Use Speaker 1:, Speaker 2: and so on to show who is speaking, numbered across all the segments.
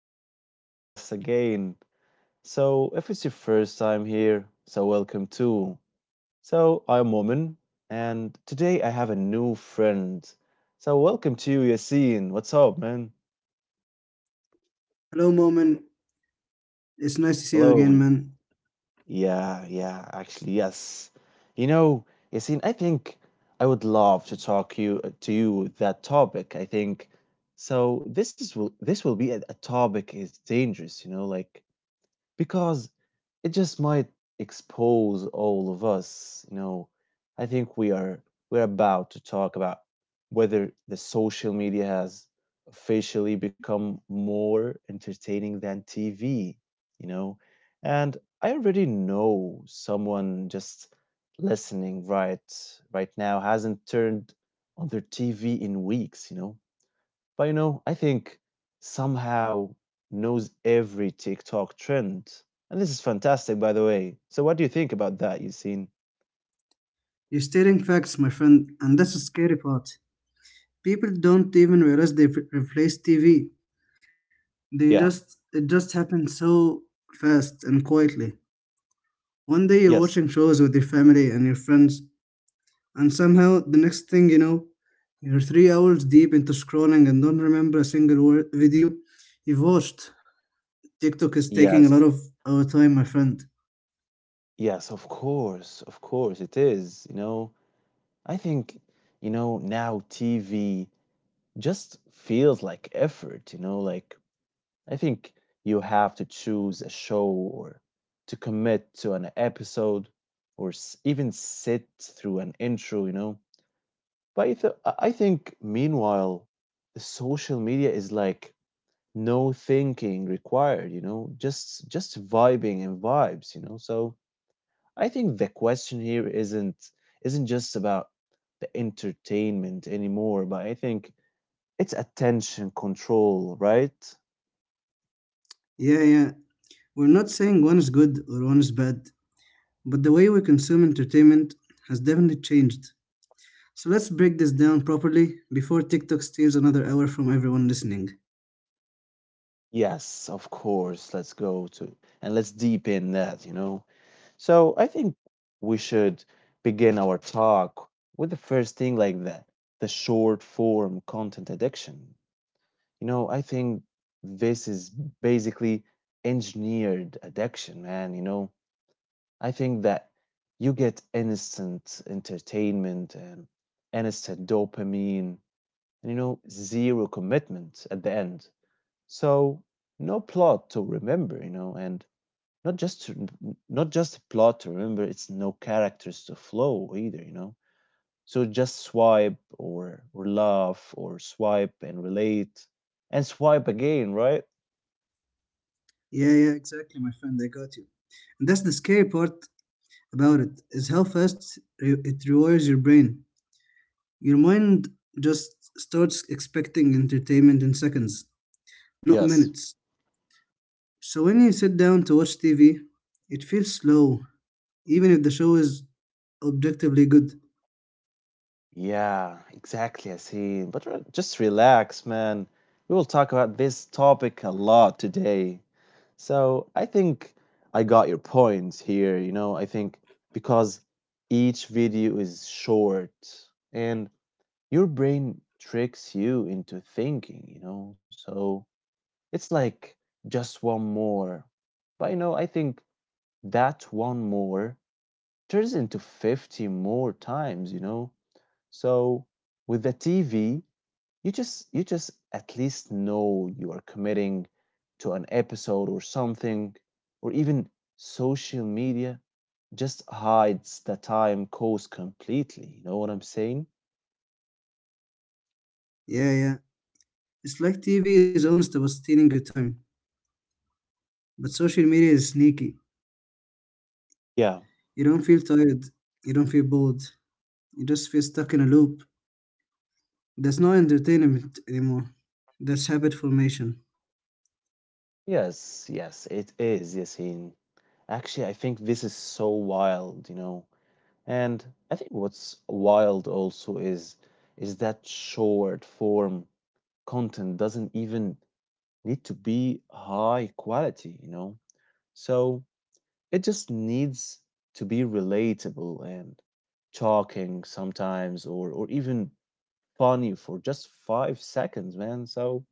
Speaker 1: back to the podcast again. If it's your first time here, welcome too. I'm Woman, and today I have a new friend. So welcome to you, Yassine. What's up, man?
Speaker 2: Hello, Moment. It's nice to see you
Speaker 1: Hello,
Speaker 2: again,
Speaker 1: man.
Speaker 2: man.
Speaker 1: Yeah, yeah, actually, yes. You know, Yassine, I think I would love to talk you to you that topic. I think so. This will be a topic is dangerous, you know, like because it just might expose all of us. You know, I think we're about to talk about whether the social media has officially become more entertaining than TV, you know. And I already know someone just listening right now hasn't turned on their TV in weeks, you know. But you know, I think somehow knows every TikTok trend. And this is fantastic, by the way. So what do you think about that, Yassine?
Speaker 2: You're stating facts, my friend, and that's the scary part. People don't even realize they've replaced TV. They
Speaker 1: Yeah.
Speaker 2: just it just happens so fast and quietly. One day you're
Speaker 1: Yes.
Speaker 2: watching shows with your family and your friends, and somehow the next thing you know, you're three hours deep into scrolling and don't remember a single word, video you've watched. TikTok is taking a lot
Speaker 1: Yes.
Speaker 2: of our time, my friend.
Speaker 1: Yes, of course. Of course, it is. You know, I think, you know, now TV just feels like effort, you know, like I think you have to choose a show or to commit to an episode or even sit through an intro, you know. But I think, meanwhile, social media is like no thinking required. You know, just vibing and vibes. You know, so I think the question here isn't just about the entertainment anymore, but I think it's attention control, right?
Speaker 2: Yeah. We're not saying one is good or one is bad, but the way we consume entertainment has definitely changed. So let's break this down properly before TikTok steals another hour from everyone listening.
Speaker 1: Yes, of course. Let's go to and let's deepen that. You know. So I think we should begin our talk with the first thing like that the short form content addiction. You know, I think this is basically engineered addiction, man. You know, I think that you get instant entertainment and instant dopamine and, you know, zero commitment at the end. So no plot to remember, you know, and not just to, not just plot to remember. It's no characters to flow either. You know. So just swipe or laugh or swipe and relate and swipe again, right?
Speaker 2: Yeah, exactly, my friend. I got you. And that's the scary part about it is how fast it rewires your brain. Your mind just starts expecting entertainment in seconds, not
Speaker 1: Yes.
Speaker 2: minutes. So when you sit down to watch TV, it feels slow, even if the show is objectively good.
Speaker 1: Yeah, exactly. I see. But just relax, man. We will talk about this topic a lot today. So I think I got your point here. You know, I think because each video is short and your brain tricks you into thinking, you know? So it's like just one more. But you know, I think that one more turns into 50 more times, you know? So with the TV, you just at least know you are committing to an episode or something or even social media just hides the time cost completely. You know what I'm saying?
Speaker 2: Yeah. It's like TV is honest about stealing your time. But social media is sneaky.
Speaker 1: Yeah.
Speaker 2: You don't feel tired, you don't feel bored, you just feel stuck in a loop. That's not entertainment anymore. That's habit formation.
Speaker 1: Yes, yes, it is, Yasin. Actually, I think this is so wild, you know. And I think what's wild also is that short form content doesn't even need to be high quality, you know. So it just needs to be relatable and shocking sometimes or even funny for just 5 seconds, man. So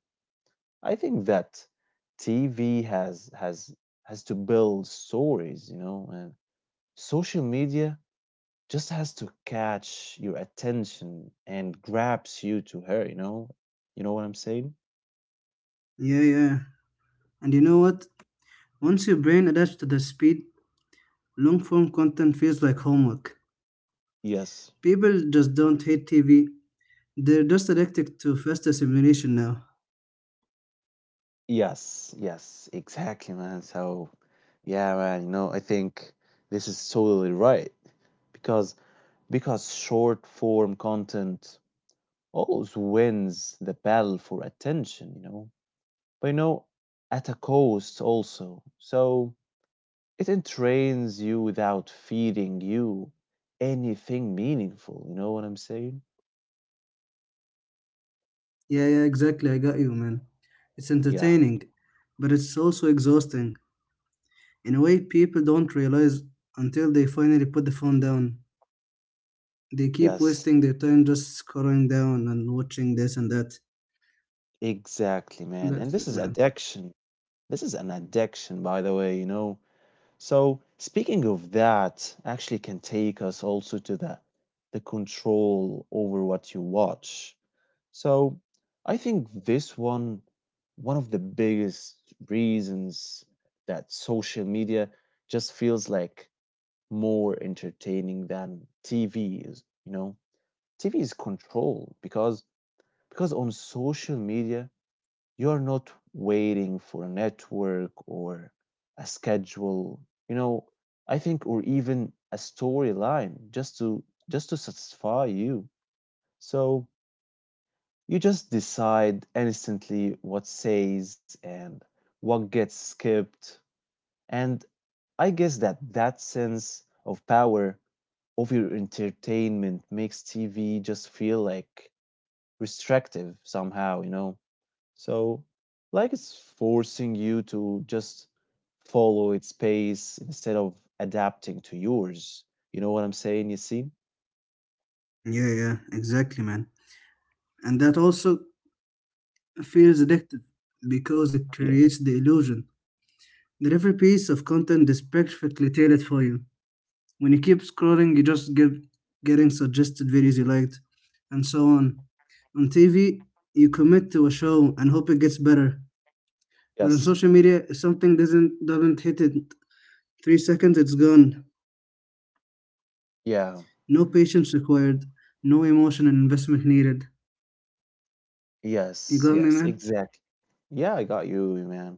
Speaker 1: I think that TV has to build stories, you know, and social media just has to catch your attention and grabs you to her, you know. You know what I'm saying?
Speaker 2: Yeah. And you know what? Once your brain adapts to the speed, long form content feels like homework.
Speaker 1: Yes.
Speaker 2: People just don't hate TV, they're just addicted to faster simulation now.
Speaker 1: Yes, yes, exactly, man. So, yeah, man, you know, I think this is totally right because because short form content always wins the battle for attention, you know, but you know, at a cost also. So it entrains you without feeding you anything meaningful. You know what I'm saying?
Speaker 2: Yeah, exactly. I got you, man. It's
Speaker 1: Yeah.
Speaker 2: entertaining, but it's also exhausting. In a way, people don't realize until they finally put the phone down. They keep
Speaker 1: Yes.
Speaker 2: wasting their time just scrolling down and watching this and that.
Speaker 1: Exactly, man. And
Speaker 2: That's
Speaker 1: this
Speaker 2: it,
Speaker 1: is
Speaker 2: man.
Speaker 1: addiction. This is an addiction, by the way, you know. So speaking of that, actually can take us also to the control over what you watch. So I think this one one of the biggest reasons that social media just feels like more entertaining than TV is, you know. TV is control because on social media you are not waiting for a network or a schedule, you know, I think or even a storyline just to satisfy you. So you just decide instantly what stays and what gets skipped. And I guess that that sense of power over entertainment makes TV just feel like restrictive somehow, you know? So, like it's forcing you to just follow its pace instead of adapting to yours. You know what I'm saying? You see?
Speaker 2: Yeah, exactly, man. And that also feels addictive because it
Speaker 1: Yeah.
Speaker 2: creates the illusion that every piece of content is perfectly tailored for you. When you keep scrolling, you just get getting suggested videos you liked, and so on. On TV, you commit to a show and hope it gets better. But on
Speaker 1: Yes.
Speaker 2: social media, if something doesn't hit it three seconds, it's gone.
Speaker 1: Yeah.
Speaker 2: No patience required, no emotion and investment needed. You
Speaker 1: Yes,
Speaker 2: got me,
Speaker 1: yes,
Speaker 2: man?
Speaker 1: exactly. Yeah, I got you, man.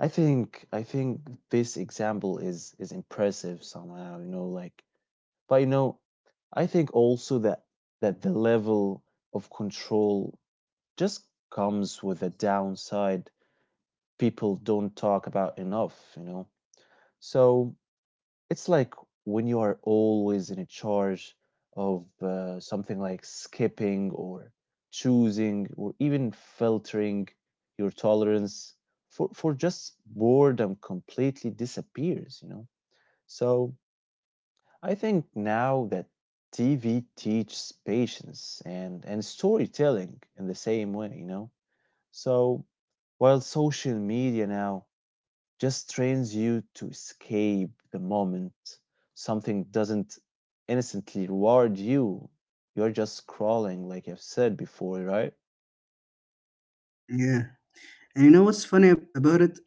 Speaker 1: I think this example is impressive somehow, you know, like but you know, I think also that the level of control just comes with a downside people don't talk about enough, you know. So it's like when you are always in charge of something like skipping or choosing or even filtering your tolerance for just boredom completely disappears, you know? So I think now that TV teaches patience and storytelling in the same way, you know? So while social media now just trains you to escape the moment. Something doesn't innocently reward you. You're just scrolling, like I've said before, right?
Speaker 2: Yeah. And you know what's funny about it?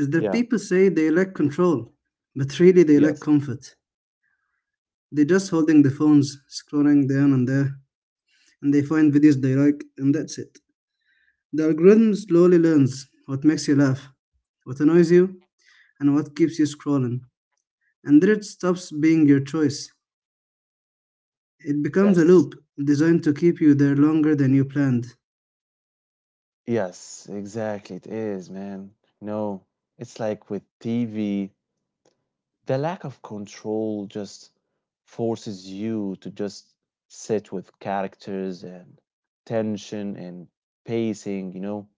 Speaker 2: Is that
Speaker 1: Yeah.
Speaker 2: people say they like control, but really they like
Speaker 1: Yes.
Speaker 2: comfort. They're just holding the phones, scrolling down and there, and they find videos they like, and that's it. The algorithm slowly learns what makes you laugh, what annoys you, and what keeps you scrolling. And then it stops being your choice. It becomes a
Speaker 1: Yes.
Speaker 2: loop designed to keep you there longer than you planned.
Speaker 1: Yes. Exactly. It is, man. No, it's like with TV, the lack of control just forces you to just sit with characters and tension and pacing, you know?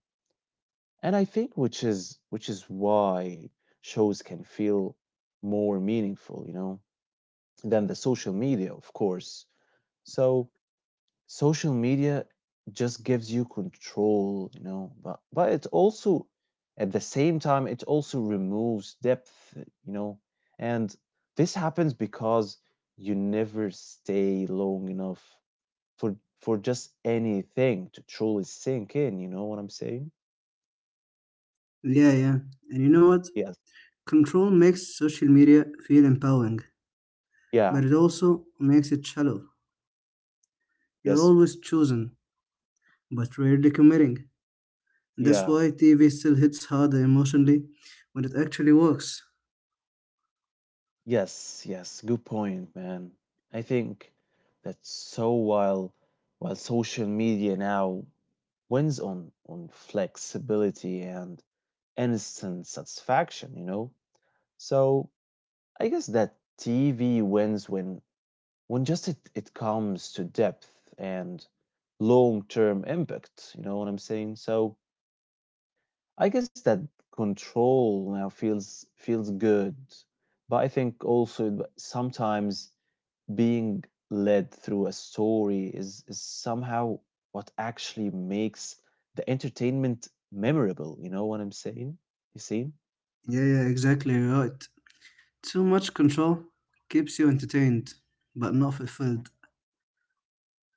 Speaker 1: And I think which is why shows can feel more meaningful, you know, than the social media, of course. So social media just gives you control, you know, but it also at the same time it also removes depth, you know. And this happens because you never stay long enough for just anything to truly sink in, you know what I'm saying?
Speaker 2: Yeah. And you know what?
Speaker 1: Yes.
Speaker 2: Control makes social media feel empowering, but
Speaker 1: Yeah.
Speaker 2: it also makes it shallow. You're
Speaker 1: Yes.
Speaker 2: always choosing, but rarely committing. And that's
Speaker 1: Yeah.
Speaker 2: why TV still hits harder emotionally when it actually works.
Speaker 1: Yes, yes, good point, man. I think that so while social media now wins on flexibility and instant satisfaction, you know. So I guess that TV wins when just it comes to depth and long-term impact, you know what I'm saying? So I guess that control now feels good, but I think also it- sometimes being led through a story is somehow what actually makes the entertainment memorable. You know what I'm saying? You see?
Speaker 2: Yeah, exactly right. Too much control keeps you entertained, but not fulfilled.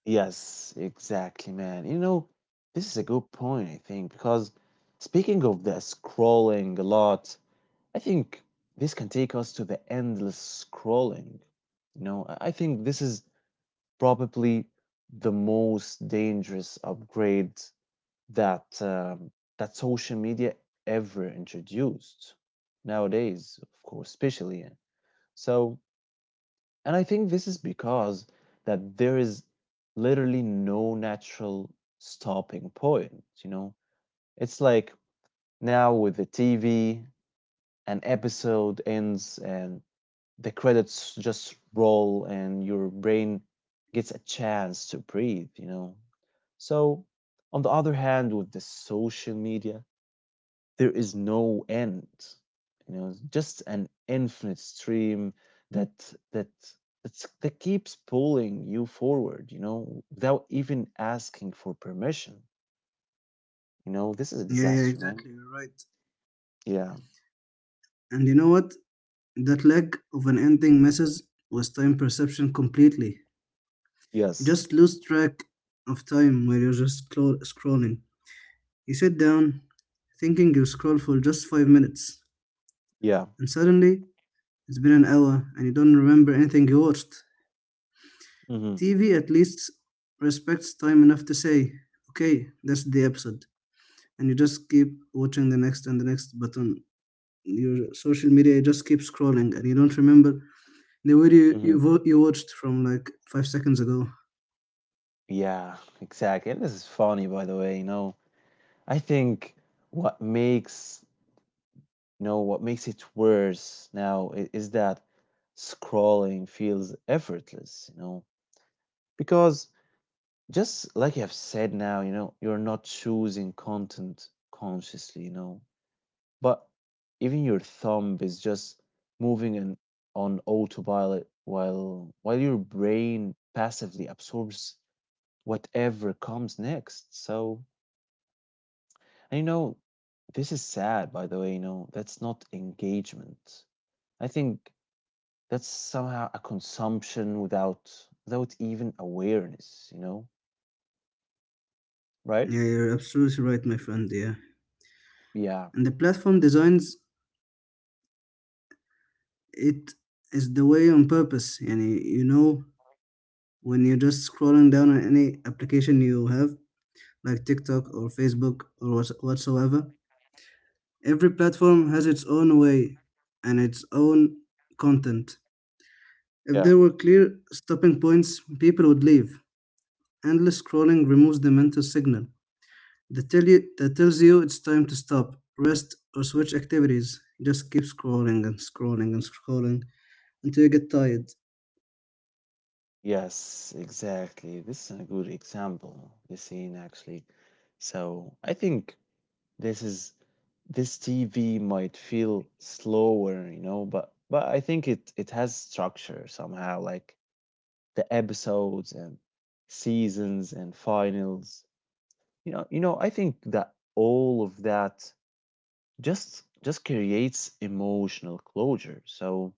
Speaker 1: Yes, exactly, man. You know, this is a good point, I think, because speaking of the scrolling a lot, I think this can take us to the endless scrolling. You know, I think this is probably the most dangerous upgrade that that social media ever introduced nowadays, of course, especially. So, and I think this is because that there is literally no natural stopping point. You know, it's like now with the TV, an episode ends and the credits just roll, and your brain gets a chance to breathe. You know, so on the other hand, with the social media there is no end, you know, it's just an infinite stream that that that keeps pulling you forward, you know, without even asking for permission, you know, this is a
Speaker 2: Yeah,
Speaker 1: disaster, man.
Speaker 2: exactly, you're right.
Speaker 1: Yeah.
Speaker 2: And you know what? That lack of an ending messes with time perception completely. You
Speaker 1: Yes.
Speaker 2: just lose track of time while you're just scrolling. You sit down thinking you scroll for just five minutes,
Speaker 1: Yeah.
Speaker 2: and suddenly it's been an hour and you don't remember anything you watched.
Speaker 1: Hmm.
Speaker 2: TV at least respects time enough to say, okay, that's the episode. And you just keep watching the next and the next. But on your social media you just keep scrolling and you don't remember the video you,
Speaker 1: Hmm.
Speaker 2: vo- you watched from like five seconds ago.
Speaker 1: Yeah, exactly, and this is funny, by the way, you know. I think what makes, you know, what makes it worse now is that scrolling feels effortless, you know, because just like you have said now, you know, you're not choosing content consciously, you know, but even your thumb is just moving in, on autopilot while your brain passively absorbs whatever comes next. So, and you know, this is sad, by the way, you know, that's not engagement. I think that's somehow a consumption without even awareness, you know, right?
Speaker 2: Yeah, you're absolutely right, my friend. Yeah.
Speaker 1: Yeah.
Speaker 2: And the platform designs it is the way on purpose. And you know when you're just scrolling down on any application you have, like TikTok or Facebook or whatsoever. Every platform has its own way and its own content. If
Speaker 1: Yeah.
Speaker 2: there were clear stopping points, people would leave. Endless scrolling removes the mental signal that tells you it's time to stop, rest, or switch activities. Just keep scrolling and scrolling and scrolling until you get tired.
Speaker 1: Yes, exactly. This is a good example, you seen actually. So I think this is this TV might feel slower, you know, but I think it it has structure somehow, like the episodes and seasons and finals. You know, I think that all of that just creates emotional closure. So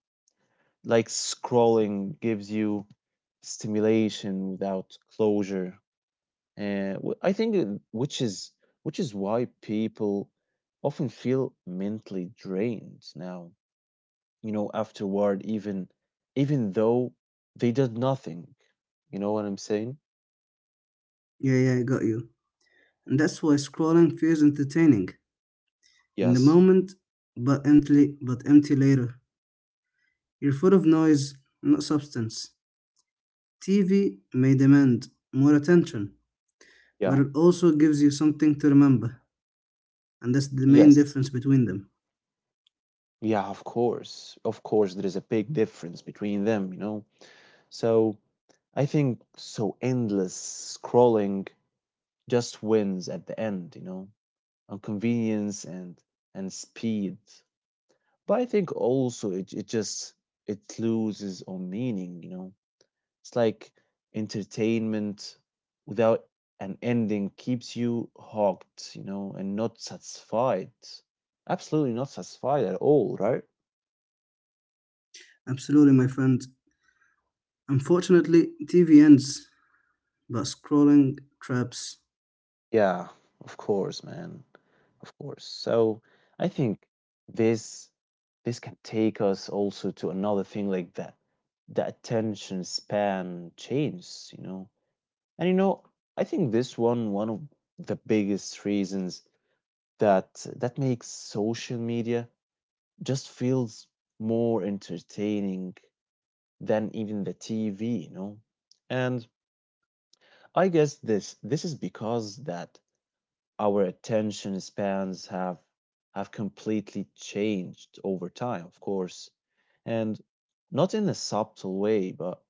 Speaker 1: like scrolling gives you stimulation without closure. I think which is why people often feel mentally drained now, you know, afterward, even though they did nothing. You know what I'm saying?
Speaker 2: Yeah, I got you. And that's why scrolling feels entertaining in the
Speaker 1: Yes.
Speaker 2: moment but empty later. You're full of noise, not substance. TV may demand more attention, but
Speaker 1: Yeah.
Speaker 2: it also gives you something to remember, and that's the main
Speaker 1: Yes.
Speaker 2: difference between them.
Speaker 1: Yeah, of course. Of course, there is a big difference between them, you know. So I think so endless scrolling just wins at the end, you know, on convenience and speed. But I think also it just it loses on meaning, you know. It's like entertainment without an ending keeps you hooked, you know, and not satisfied. Absolutely not satisfied at all, right?
Speaker 2: Absolutely, my friend. Unfortunately, TV ends, but scrolling traps.
Speaker 1: Yeah, of course, man. Of course. So I think this this can take us also to another thing like that the attention span changes, you know. And you know, I think this one one of the biggest reasons that makes social media just feels more entertaining than even the TV, you know. And I guess this is because that our attention spans have completely changed over time, of course, and not in a subtle way, but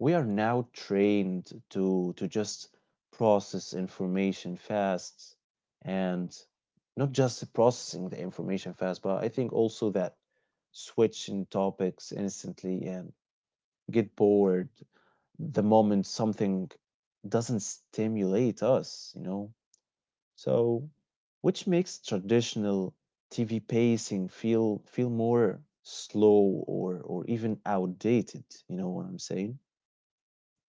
Speaker 1: we are now trained to just process information fast and not just processing the information fast, but I think also that switching topics instantly and get bored the moment something doesn't stimulate us, you know. So which makes traditional TV pacing feel more slow or even outdated, you know what I'm saying?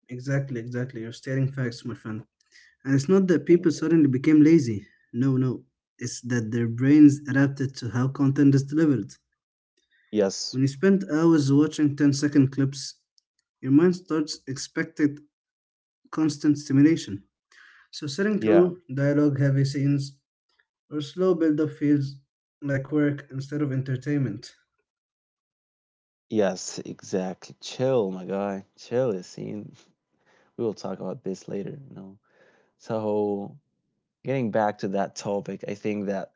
Speaker 2: Exactly. You're stating facts, my friend. And it's not that people
Speaker 1: Thank you.
Speaker 2: suddenly became lazy. No. It's that their brains adapted to how content is delivered.
Speaker 1: Yes.
Speaker 2: When you spend hours watching 10-second clips, your mind starts expecting constant stimulation. So, sitting
Speaker 1: Yeah.
Speaker 2: through dialogue heavy scenes or slow build up feels like work instead of entertainment.
Speaker 1: Yes, exactly. Chill, my guy. Chill, Yassine. We will talk about this later, you know. So, getting back to that topic, I think that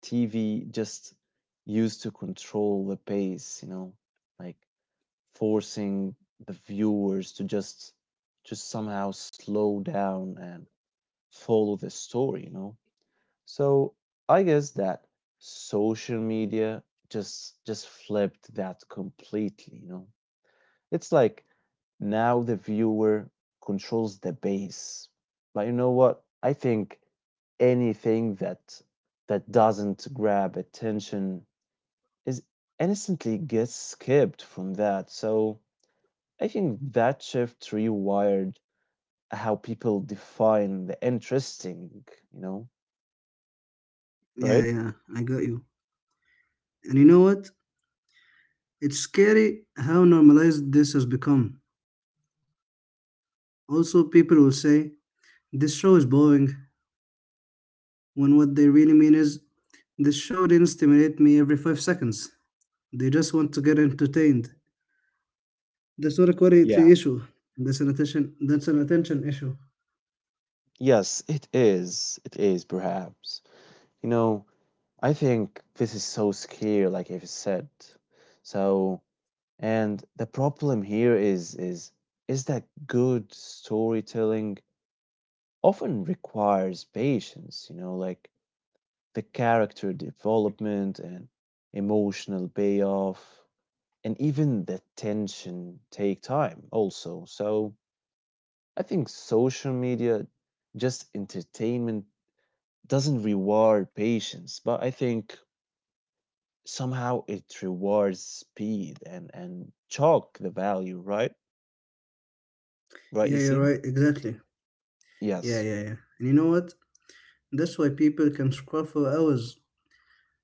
Speaker 1: TV just used to control the pace, you know, like forcing the viewers to just somehow slow down and follow the story, you know. So, I guess that social media just flipped that completely, you know. It's like now the viewer controls the base. But you know what? I think anything that doesn't grab attention is innocently gets skipped from that. So I think that shift rewired how people define the interesting, you know,
Speaker 2: Yeah,
Speaker 1: right?
Speaker 2: yeah, I got you. And you know what? It's scary how normalized this has become. Also, people will say, this show is boring, when what they really mean is, this show didn't stimulate me every five seconds. They just want to get entertained. The not a
Speaker 1: Yeah.
Speaker 2: quality issue. That's an attention issue.
Speaker 1: Yes, it is. It is perhaps. You know, I think this is so scary, like I've said. So, and the problem here is that good storytelling often requires patience, you know, like the character development and emotional payoff and even the tension take time also. So I think social media just entertainment doesn't reward patience, but I think somehow it rewards speed and chalk the value, right? Right, you
Speaker 2: Yeah, you're
Speaker 1: see?
Speaker 2: right. Exactly. Yeah,
Speaker 1: Yes.
Speaker 2: yeah, yeah. And you know what? That's why people can scroll for hours,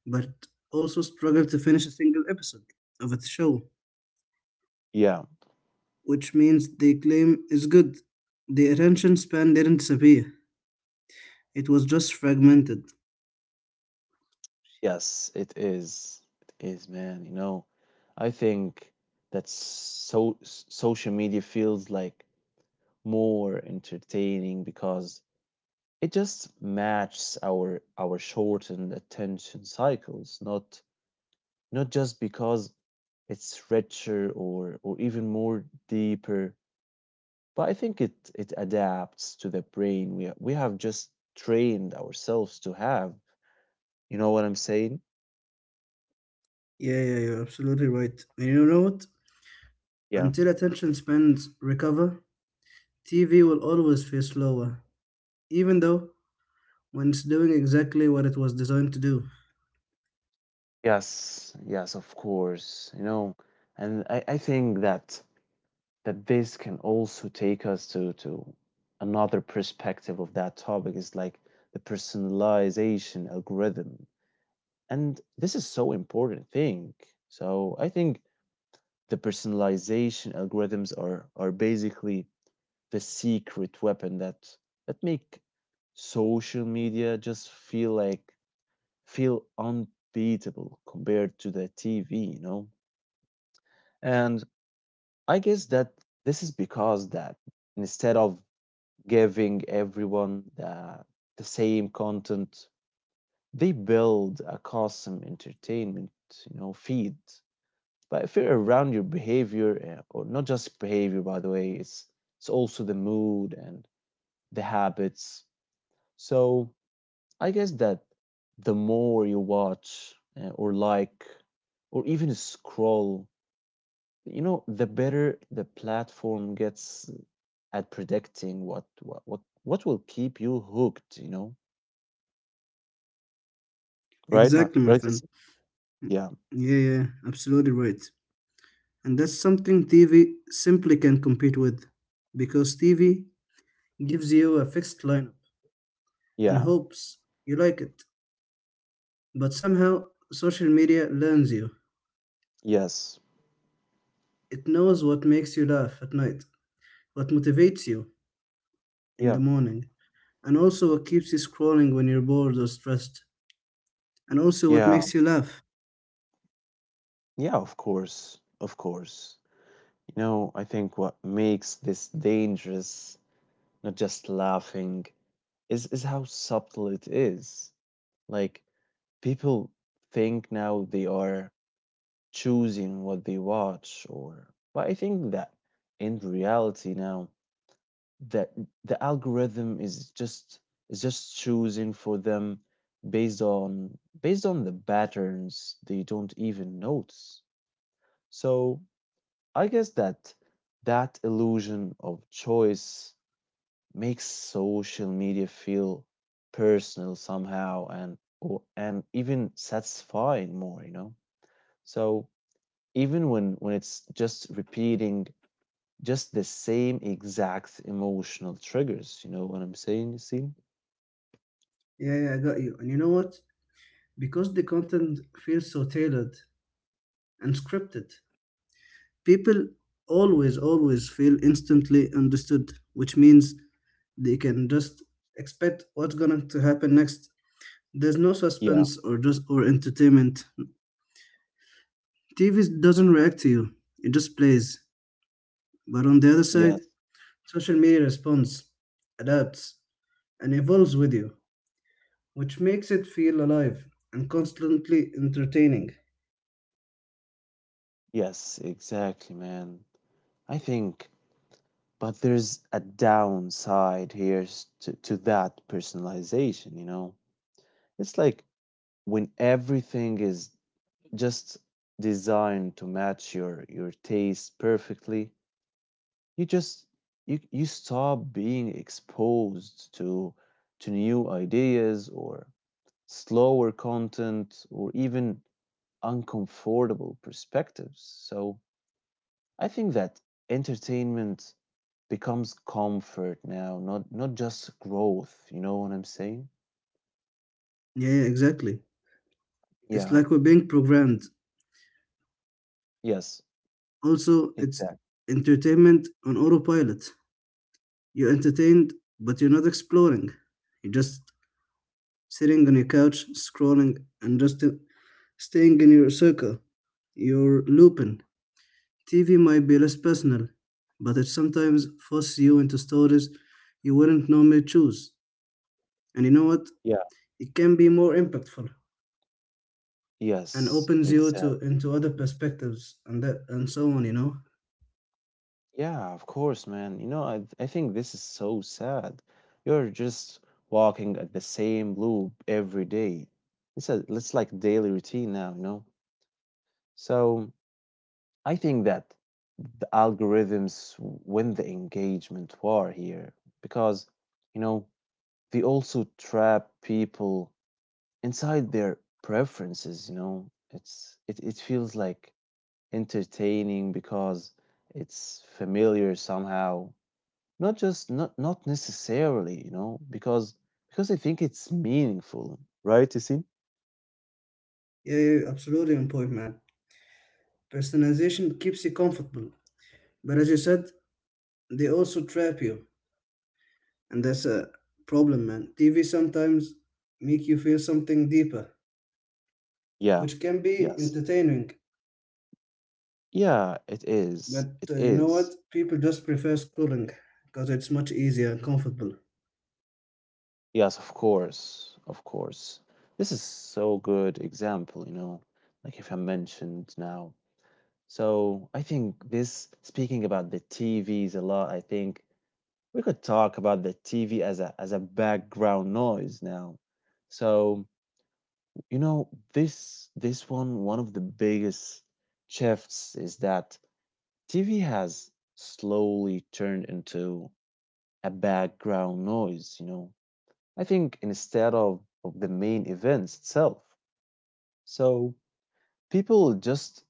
Speaker 2: but also struggle to finish a single episode of a show,
Speaker 1: Yeah,
Speaker 2: which means they claim is good. The attention span didn't disappear. It was just fragmented.
Speaker 1: yes, it is. It is, man. You know, I think that social media feels like more entertaining because it just matches our shortened attention cycles, not not just because it's richer or even more deeper, but I think it it adapts to the brain we have just trained ourselves to have. You know what I'm saying?
Speaker 2: Yeah, you're absolutely right. And you know what?
Speaker 1: Yeah.
Speaker 2: Until attention spans recover, TV will always feel slower, even though when it's doing exactly what it was designed to do.
Speaker 1: Yes, yes, of course. You know, and I think that that this can also take us to another perspective of that topic is like the personalization algorithm. And this is so important thing. So I think the personalization algorithms are basically the secret weapon that make social media just feel like feel unbeatable compared to the TV, you know? And I guess that this is because that instead of giving everyone the same content, they build a custom entertainment, you know, feed. But if you're around your behavior, or not just behavior, by the way, it's also the mood and the habits. So I guess that the more you watch or like or even scroll, you know, the better the platform gets at predicting what will keep you hooked, you know? Right? Ma-
Speaker 2: Exactly, my
Speaker 1: Right?
Speaker 2: friend.
Speaker 1: It's, yeah.
Speaker 2: Yeah, absolutely right. And that's something TV simply can't compete with because TV gives you a fixed lineup and
Speaker 1: Yeah.
Speaker 2: hopes you like it. But somehow, social media learns you.
Speaker 1: Yes.
Speaker 2: It knows what makes you laugh at night, what motivates you in the
Speaker 1: Yeah.
Speaker 2: morning, and also what keeps you scrolling when you're bored or stressed, and also what
Speaker 1: Yeah.
Speaker 2: makes you laugh.
Speaker 1: Yeah, of course. Of course. You know, I think what makes this dangerous, not just laughing, is how subtle it is. Like people think now they are choosing what they watch, or but I think that in reality now that the algorithm is just choosing for them based on the patterns they don't even notice. So I guess that that illusion of choice makes social media feel personal somehow and, or, and even satisfying more, you know. So even when it's just repeating just the same exact emotional triggers, you know what I'm saying, you see?
Speaker 2: Yeah, I got you. And you know what? Because the content feels so tailored and scripted, people always, always feel instantly understood, which means they can just expect what's going to happen next. There's no
Speaker 1: Yeah.
Speaker 2: suspense or entertainment. TV doesn't react to you; it just plays. But on the other side,
Speaker 1: Yes,
Speaker 2: social media responds, adapts, and evolves with you, which makes it feel alive and constantly entertaining.
Speaker 1: yes, exactly, man. I think, but there's a downside here to that personalization, you know. It's like when everything is just designed to match your taste perfectly, you just you stop being exposed to new ideas or slower content or even uncomfortable perspectives. So I think that entertainment becomes comfort now, not just growth, you know what I'm saying?
Speaker 2: Yeah, exactly. It's
Speaker 1: Yeah.
Speaker 2: like we're being programmed.
Speaker 1: Yes,
Speaker 2: Also, it's
Speaker 1: exactly.
Speaker 2: entertainment on autopilot. You're entertained, but you're not exploring. You're just sitting on your couch, scrolling, and just staying in your circle. You're looping. TV might be less personal, but it sometimes forces you into stories you wouldn't normally choose. And you know what?
Speaker 1: Yeah.
Speaker 2: It can be more impactful and
Speaker 1: Yes,
Speaker 2: opens you
Speaker 1: exactly.
Speaker 2: to into other perspectives and that and so on. You know?
Speaker 1: Yeah, of course, man. You know, I think this is so sad. You're just walking at the same loop every day. It's like daily routine now, you know. So I think that the algorithms win the engagement war here because, you know, they also trap people inside their preferences, you know. It's it feels like entertaining because it's familiar somehow, not just not necessarily, you know, because I think it's meaningful, right, Yasin?
Speaker 2: Yeah, absolutely on point, man. Personalization keeps you comfortable, but as you said, they also trap you. And that's a problem, man. TV sometimes make you feel something deeper
Speaker 1: Yeah.
Speaker 2: which can be
Speaker 1: Yes.
Speaker 2: entertaining,
Speaker 1: Yeah, it is.
Speaker 2: but
Speaker 1: It
Speaker 2: you know
Speaker 1: is.
Speaker 2: what, people just prefer scrolling because it's much easier and comfortable.
Speaker 1: Yes, of course. Of course. This is so good example, you know, like if I mentioned now. So I think this speaking about the TVs a lot, I think we could talk about the TV as a background noise now. So you know, this one, one of the biggest shifts is that TV has slowly turned into a background noise, you know. I think instead of the main events itself. So people just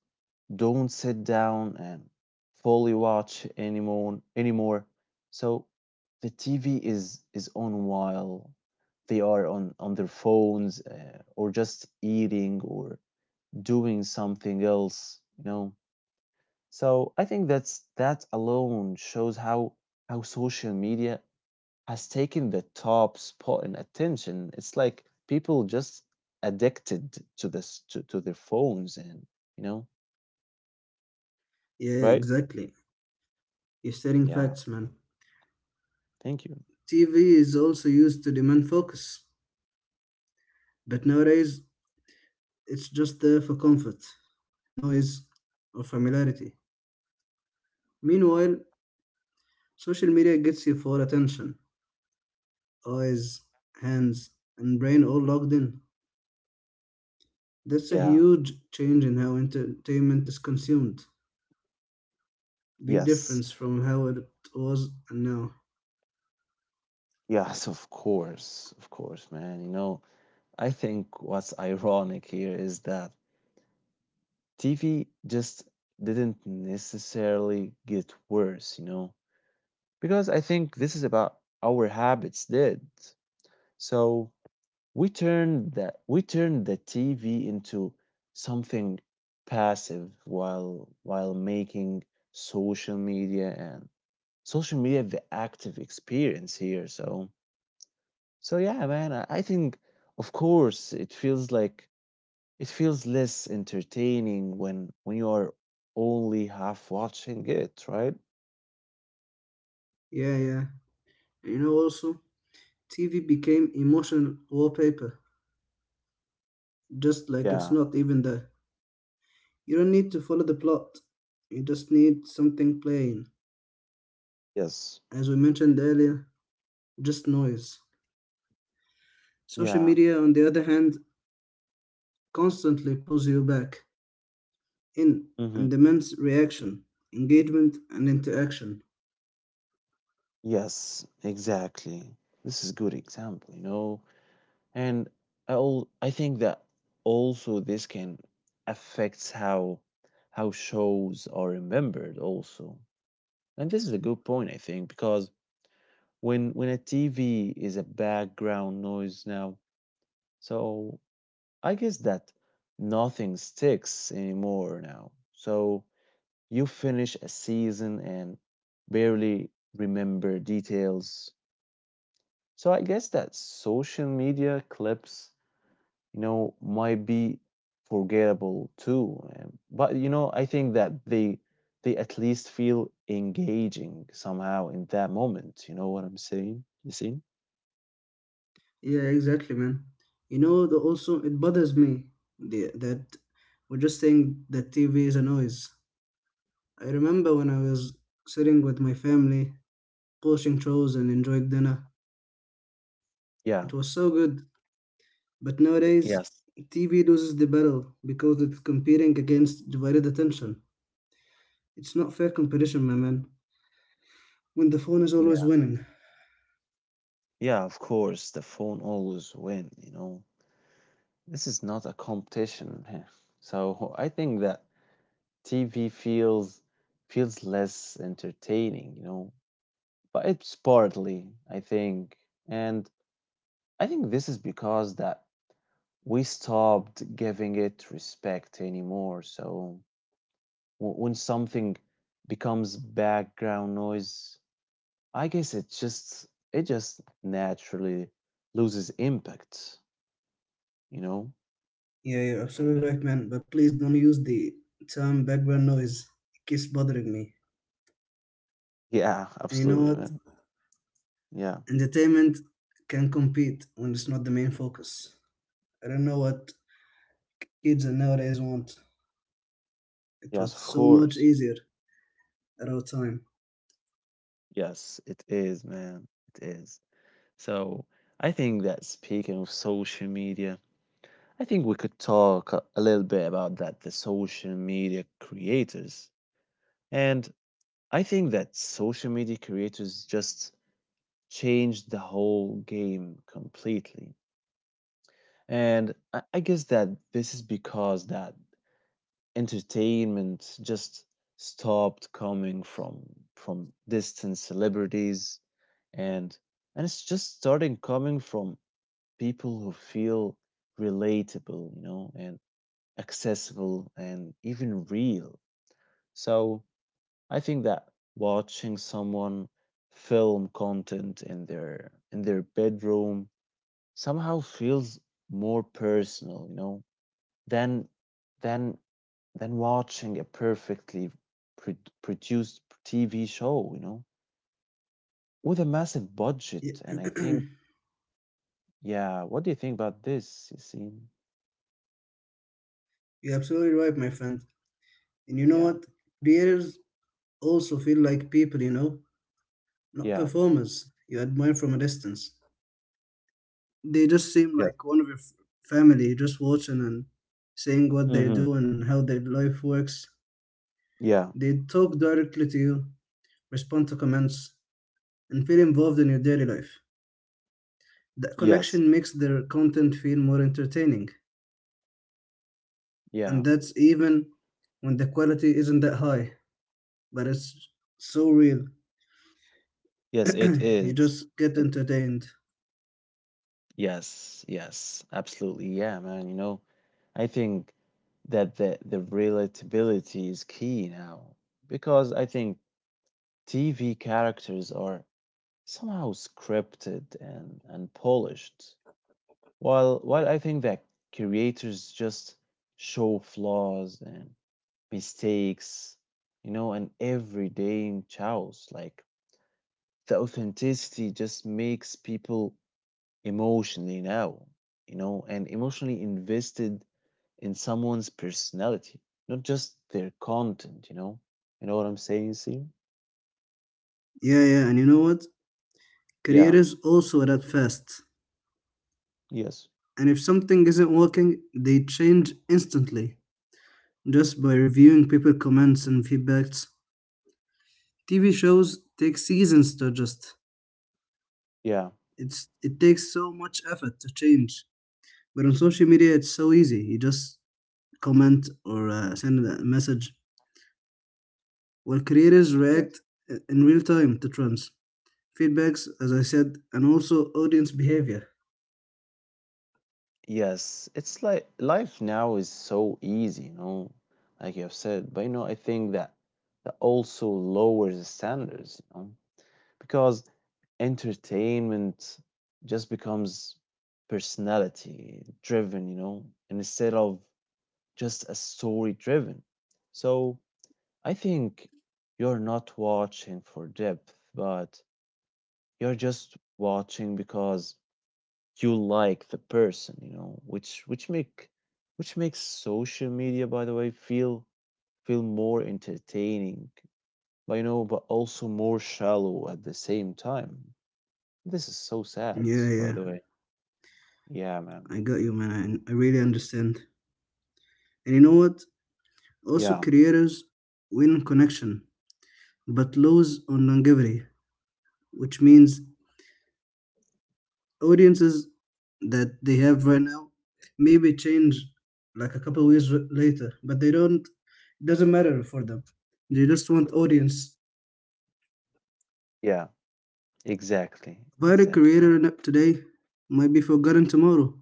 Speaker 1: don't sit down and fully watch anymore. So the TV is on while they are on their phones, or just eating or doing something else, you know. So I think that's that alone shows how social media has taken the top spot in attention. It's like people just addicted to this to their phones and you know.
Speaker 2: Yeah,
Speaker 1: Right.
Speaker 2: exactly. You're stating
Speaker 1: Yeah,
Speaker 2: facts, man.
Speaker 1: thank you.
Speaker 2: TV is also used to demand focus but nowadays it's just there for comfort, noise, or familiarity. Meanwhile, social media gets you for attention: eyes, hands, and brain all logged in. That's a
Speaker 1: Yeah.
Speaker 2: huge change in how entertainment is consumed. Big
Speaker 1: Yes,
Speaker 2: difference from how it was and now.
Speaker 1: yes, of course. Of course, man. You know, I think what's ironic here is that TV just didn't necessarily get worse, you know, because I think this is about our habits did. So we turn the TV into something passive while making social media and social media the active experience here. So so yeah, man, I think of course it feels like it feels less entertaining when you are only half watching it, right?
Speaker 2: Yeah. You know, also, TV became emotional wallpaper, just like
Speaker 1: Yeah.
Speaker 2: it's not even there. You don't need to follow the plot, you just need something playing.
Speaker 1: Yes.
Speaker 2: As we mentioned earlier, just noise. Social
Speaker 1: Yeah.
Speaker 2: media, on the other hand, constantly pulls you back in
Speaker 1: Mm-hmm.
Speaker 2: and demands reaction, engagement, and interaction.
Speaker 1: Yes, exactly. This is good example, you know. And I think that also this can affects how shows are remembered also. And this is a good point, I think, because when a TV is a background noise now, so I guess that nothing sticks anymore now. So you finish a season and barely remember details. So I guess that social media clips, you know, might be forgettable too. But you know, I think that they at least feel engaging somehow in that moment. You know what I'm saying? You see?
Speaker 2: Yeah, exactly, man. You know, also it bothers me that we're just saying that TV is a noise. I remember when I was sitting with my family, watching shows and enjoying dinner.
Speaker 1: Yeah.
Speaker 2: It was so good. But nowadays,
Speaker 1: Yes.
Speaker 2: TV loses the battle because it's competing against divided attention. It's not fair competition, my man. When the phone is always
Speaker 1: Yeah.
Speaker 2: winning.
Speaker 1: Yeah, of course, the phone always win, you know. This is not a competition. So I think that TV feels less entertaining, you know. But it's partly, I think. And I think this is because that we stopped giving it respect anymore. So when something becomes background noise, I guess it just naturally loses impact, you know?
Speaker 2: Yeah, you're absolutely right, man. But please don't use the term background noise. It keeps bothering me.
Speaker 1: Yeah,
Speaker 2: And you know
Speaker 1: absolutely,
Speaker 2: what?
Speaker 1: man. Yeah.
Speaker 2: Entertainment can compete when it's not the main focus. I don't know what kids nowadays want. It
Speaker 1: Yes,
Speaker 2: was
Speaker 1: of
Speaker 2: so much
Speaker 1: course.
Speaker 2: easier at our time.
Speaker 1: Yes, it is, man. It is. So I think that speaking of social media, I think we could talk a little bit about that the social media creators. And I think that social media creators just changed the whole game completely. And I guess that this is because that entertainment just stopped coming from distant celebrities and and it's just starting coming from people who feel relatable, you know, and accessible and even real. So I think that watching someone film content in their bedroom somehow feels more personal, you know, than than than watching a perfectly pro- produced TV show, you know, with a massive
Speaker 2: Yeah.
Speaker 1: budget. And I think, yeah, what do you think about this, Yassine?
Speaker 2: You're absolutely right, my friend. And you know
Speaker 1: Yeah,
Speaker 2: what? Creators also feel like people, you know, not
Speaker 1: yeah.
Speaker 2: performers you admire from a distance. They just seem
Speaker 1: Yes.
Speaker 2: like one of your family just watching and seeing what they
Speaker 1: Mm-hmm.
Speaker 2: do and how their life works.
Speaker 1: Yeah.
Speaker 2: They talk directly to you, respond to comments, and feel involved in your daily life. That
Speaker 1: Yes.
Speaker 2: connection makes their content feel more entertaining, and
Speaker 1: Yeah.
Speaker 2: that's even when the quality isn't that high, but it's so real.
Speaker 1: Yes, it
Speaker 2: You
Speaker 1: is.
Speaker 2: just get entertained.
Speaker 1: Yes, yes, absolutely. Yeah, man. You know, I think that the relatability is key now, because I think TV characters are somehow scripted and polished, while I think that creators just show flaws and mistakes, you know, and everyday chaos. Like the authenticity just makes people emotionally now, you know, and emotionally invested in someone's personality, not just their content, you know. You know what I'm saying, see?
Speaker 2: Yeah, and you know what? Career
Speaker 1: Yeah,
Speaker 2: is also that fast.
Speaker 1: yes,
Speaker 2: And if something isn't working, they change instantly just by reviewing people comments and feedbacks. TV shows take seasons to adjust.
Speaker 1: yeah,
Speaker 2: It takes so much effort to change. But on social media, it's so easy. You just comment or send a message. While creators
Speaker 1: yes.
Speaker 2: react in real time to trends, feedbacks, as I said, and also audience behavior.
Speaker 1: Yes, it's like life now is so easy, you know, like you have said. But you know, I think that that also lowers the standards, you know, because entertainment just becomes personality driven, you know, and instead of just as story driven. So I think you're not watching for depth, but you're just watching because you like the person, you know, which make which makes social media, by the way, feel feel more entertaining, but you know, but also more shallow at the same time. This is so sad,
Speaker 2: Yeah,
Speaker 1: by
Speaker 2: yeah,
Speaker 1: the way. Yeah, man.
Speaker 2: I got you, man. I really understand. And you know what? Also,
Speaker 1: Yeah,
Speaker 2: creators win connection, but lows on longevity, which means audiences that they have right now maybe change like a couple of years later, but they don't. It doesn't matter for them. They just want audience.
Speaker 1: yeah, exactly.
Speaker 2: Viral
Speaker 1: Exactly, man.
Speaker 2: creator today might be forgotten tomorrow,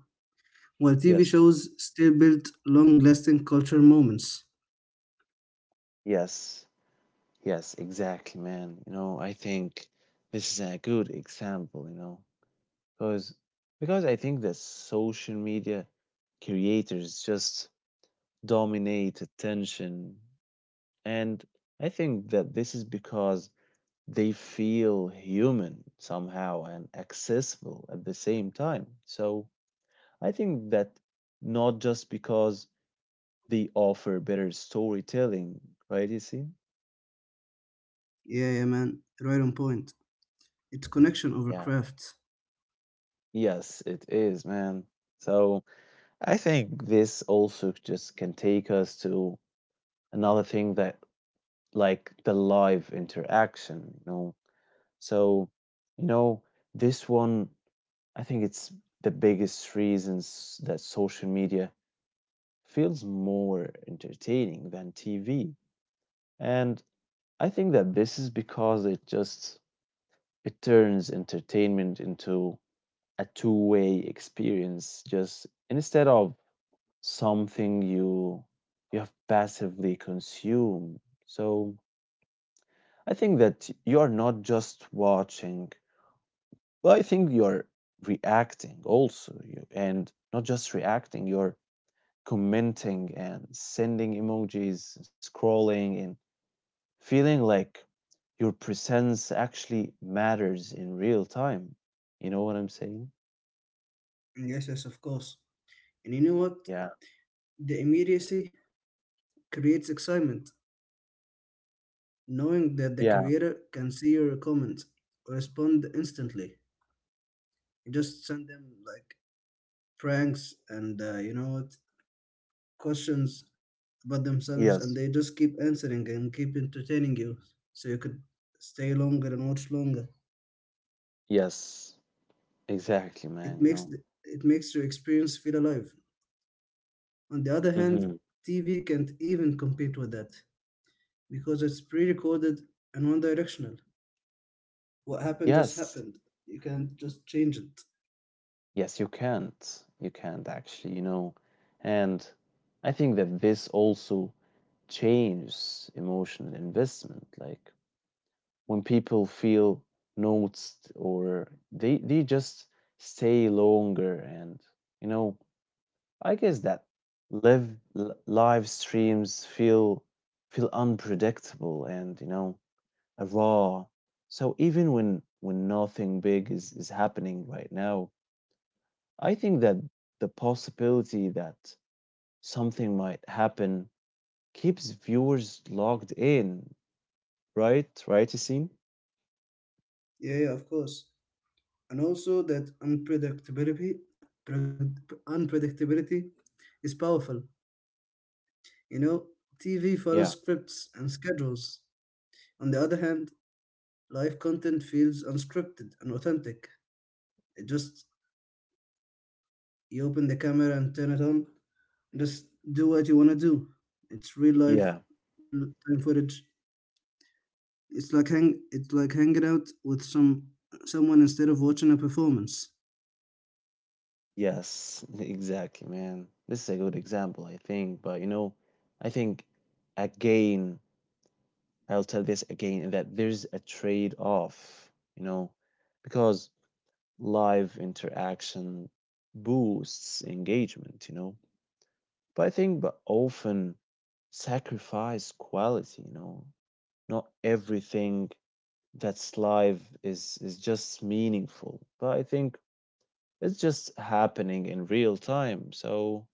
Speaker 2: while TV
Speaker 1: Yes,
Speaker 2: shows still build long-lasting cultural moments.
Speaker 1: yes. Yes, exactly, man. You know, I think this is a good example, you know, because because I think that social media creators just dominate attention. And I think that this is because they feel human somehow and accessible at the same time. So I think that not just because they offer better storytelling, right, you see?
Speaker 2: Yeah, yeah, man, right on point. It's connection over
Speaker 1: Yeah.
Speaker 2: craft.
Speaker 1: Yes, it is, man. So I think this also just can take us to another thing that like the live interaction, you know. So, you know, this one, I think it's the biggest reasons that social media feels more entertaining than TV. And I think that this is because it turns entertainment into a two-way experience, just instead of something you have passively consumed. So I think that you are not just watching, but I think you are reacting also. You and not just reacting, you're commenting and sending emojis, scrolling and feeling like your presence actually matters in real time. You know what I'm saying?
Speaker 2: Yes, yes, of course. And you know what?
Speaker 1: Yeah.
Speaker 2: The immediacy creates excitement, knowing that the
Speaker 1: Yeah.
Speaker 2: creator can see your comments, respond instantly. Just send them like pranks and you know what, questions about themselves, and
Speaker 1: Yes.
Speaker 2: they just keep answering and keep entertaining you, so you could stay longer and watch longer.
Speaker 1: Yes, exactly,
Speaker 2: It
Speaker 1: man.
Speaker 2: makes
Speaker 1: No.
Speaker 2: the, it makes your experience feel alive. On the other hand,
Speaker 1: Mm-hmm.
Speaker 2: TV can't even compete with that because it's pre-recorded and one-directional. What happened just
Speaker 1: Yes.
Speaker 2: happened. You can't just change it.
Speaker 1: Yes, you can't. You can't actually, you know. And I think that this also changes emotional investment. Like when people feel noticed, or they just stay longer and, you know, I guess that live streams feel unpredictable and, you know, raw. So even when nothing big is happening right now, I think that the possibility that something might happen keeps viewers logged in, right? Right, Yassine?
Speaker 2: Yeah, yeah, of course. And also that pred- unpredictability is powerful. You know, TV follows
Speaker 1: Yeah,
Speaker 2: scripts and schedules. On the other hand, live content feels unscripted and authentic. It just, you open the camera and turn it on, just do what you want to do. It's real life,
Speaker 1: yeah,
Speaker 2: real time footage. It's like hanging out with someone instead of watching a performance.
Speaker 1: yes, exactly, man. This is a good example, I think. But you know, I think again, I'll tell this again that there's a trade-off, you know, because live interaction boosts engagement, you know, but I think but often sacrifice quality, you know. Not everything that's live is just meaningful. But I think it's just happening in real time. So,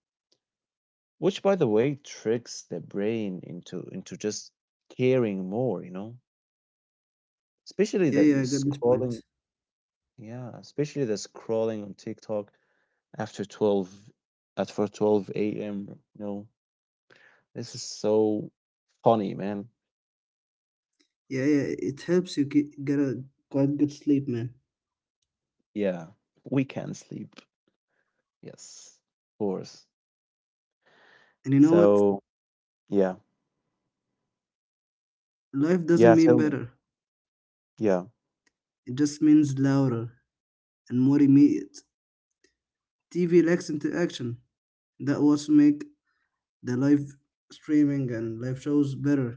Speaker 1: which by the way tricks the brain into just caring more, you know? Especially
Speaker 2: Yeah,
Speaker 1: that you're
Speaker 2: yeah, I got this point.
Speaker 1: scrolling. Yeah, especially the scrolling on TikTok after 12 at for 12 AM, you know. This is so funny, man.
Speaker 2: Yeah, yeah, it helps you get a quite good sleep, man.
Speaker 1: Yeah, we can sleep. Yes, of course.
Speaker 2: And you know what?
Speaker 1: So, yeah.
Speaker 2: Life doesn't
Speaker 1: Yeah,
Speaker 2: mean
Speaker 1: tell me.
Speaker 2: better.
Speaker 1: Yeah.
Speaker 2: It just means louder and more immediate. TV lacks interaction. That was make the live streaming and live shows better,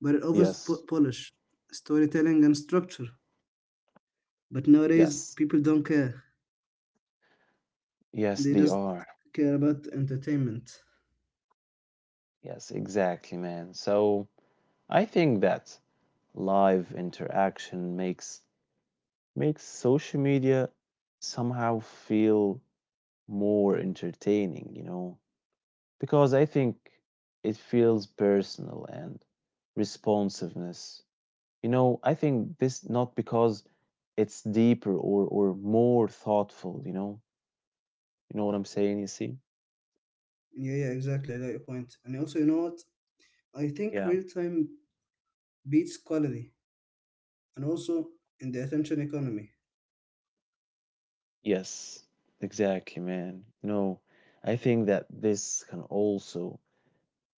Speaker 2: but it always
Speaker 1: Yes.
Speaker 2: polish storytelling and structure. But nowadays,
Speaker 1: Yes.
Speaker 2: people don't care.
Speaker 1: Yes,
Speaker 2: They
Speaker 1: they
Speaker 2: just
Speaker 1: are.
Speaker 2: care about entertainment.
Speaker 1: Yes, exactly, man. So, I think that live interaction makes social media somehow feel more entertaining, you know. Because I think it feels personal and responsiveness. You know, I think this not because it's deeper or more thoughtful, you know. You know what I'm saying, you see?
Speaker 2: Yeah, yeah, exactly. I got your point. And also, you know what? I think
Speaker 1: Yeah.
Speaker 2: real time beats quality and also in the attention economy.
Speaker 1: Yes, exactly, man. No. I think that this can also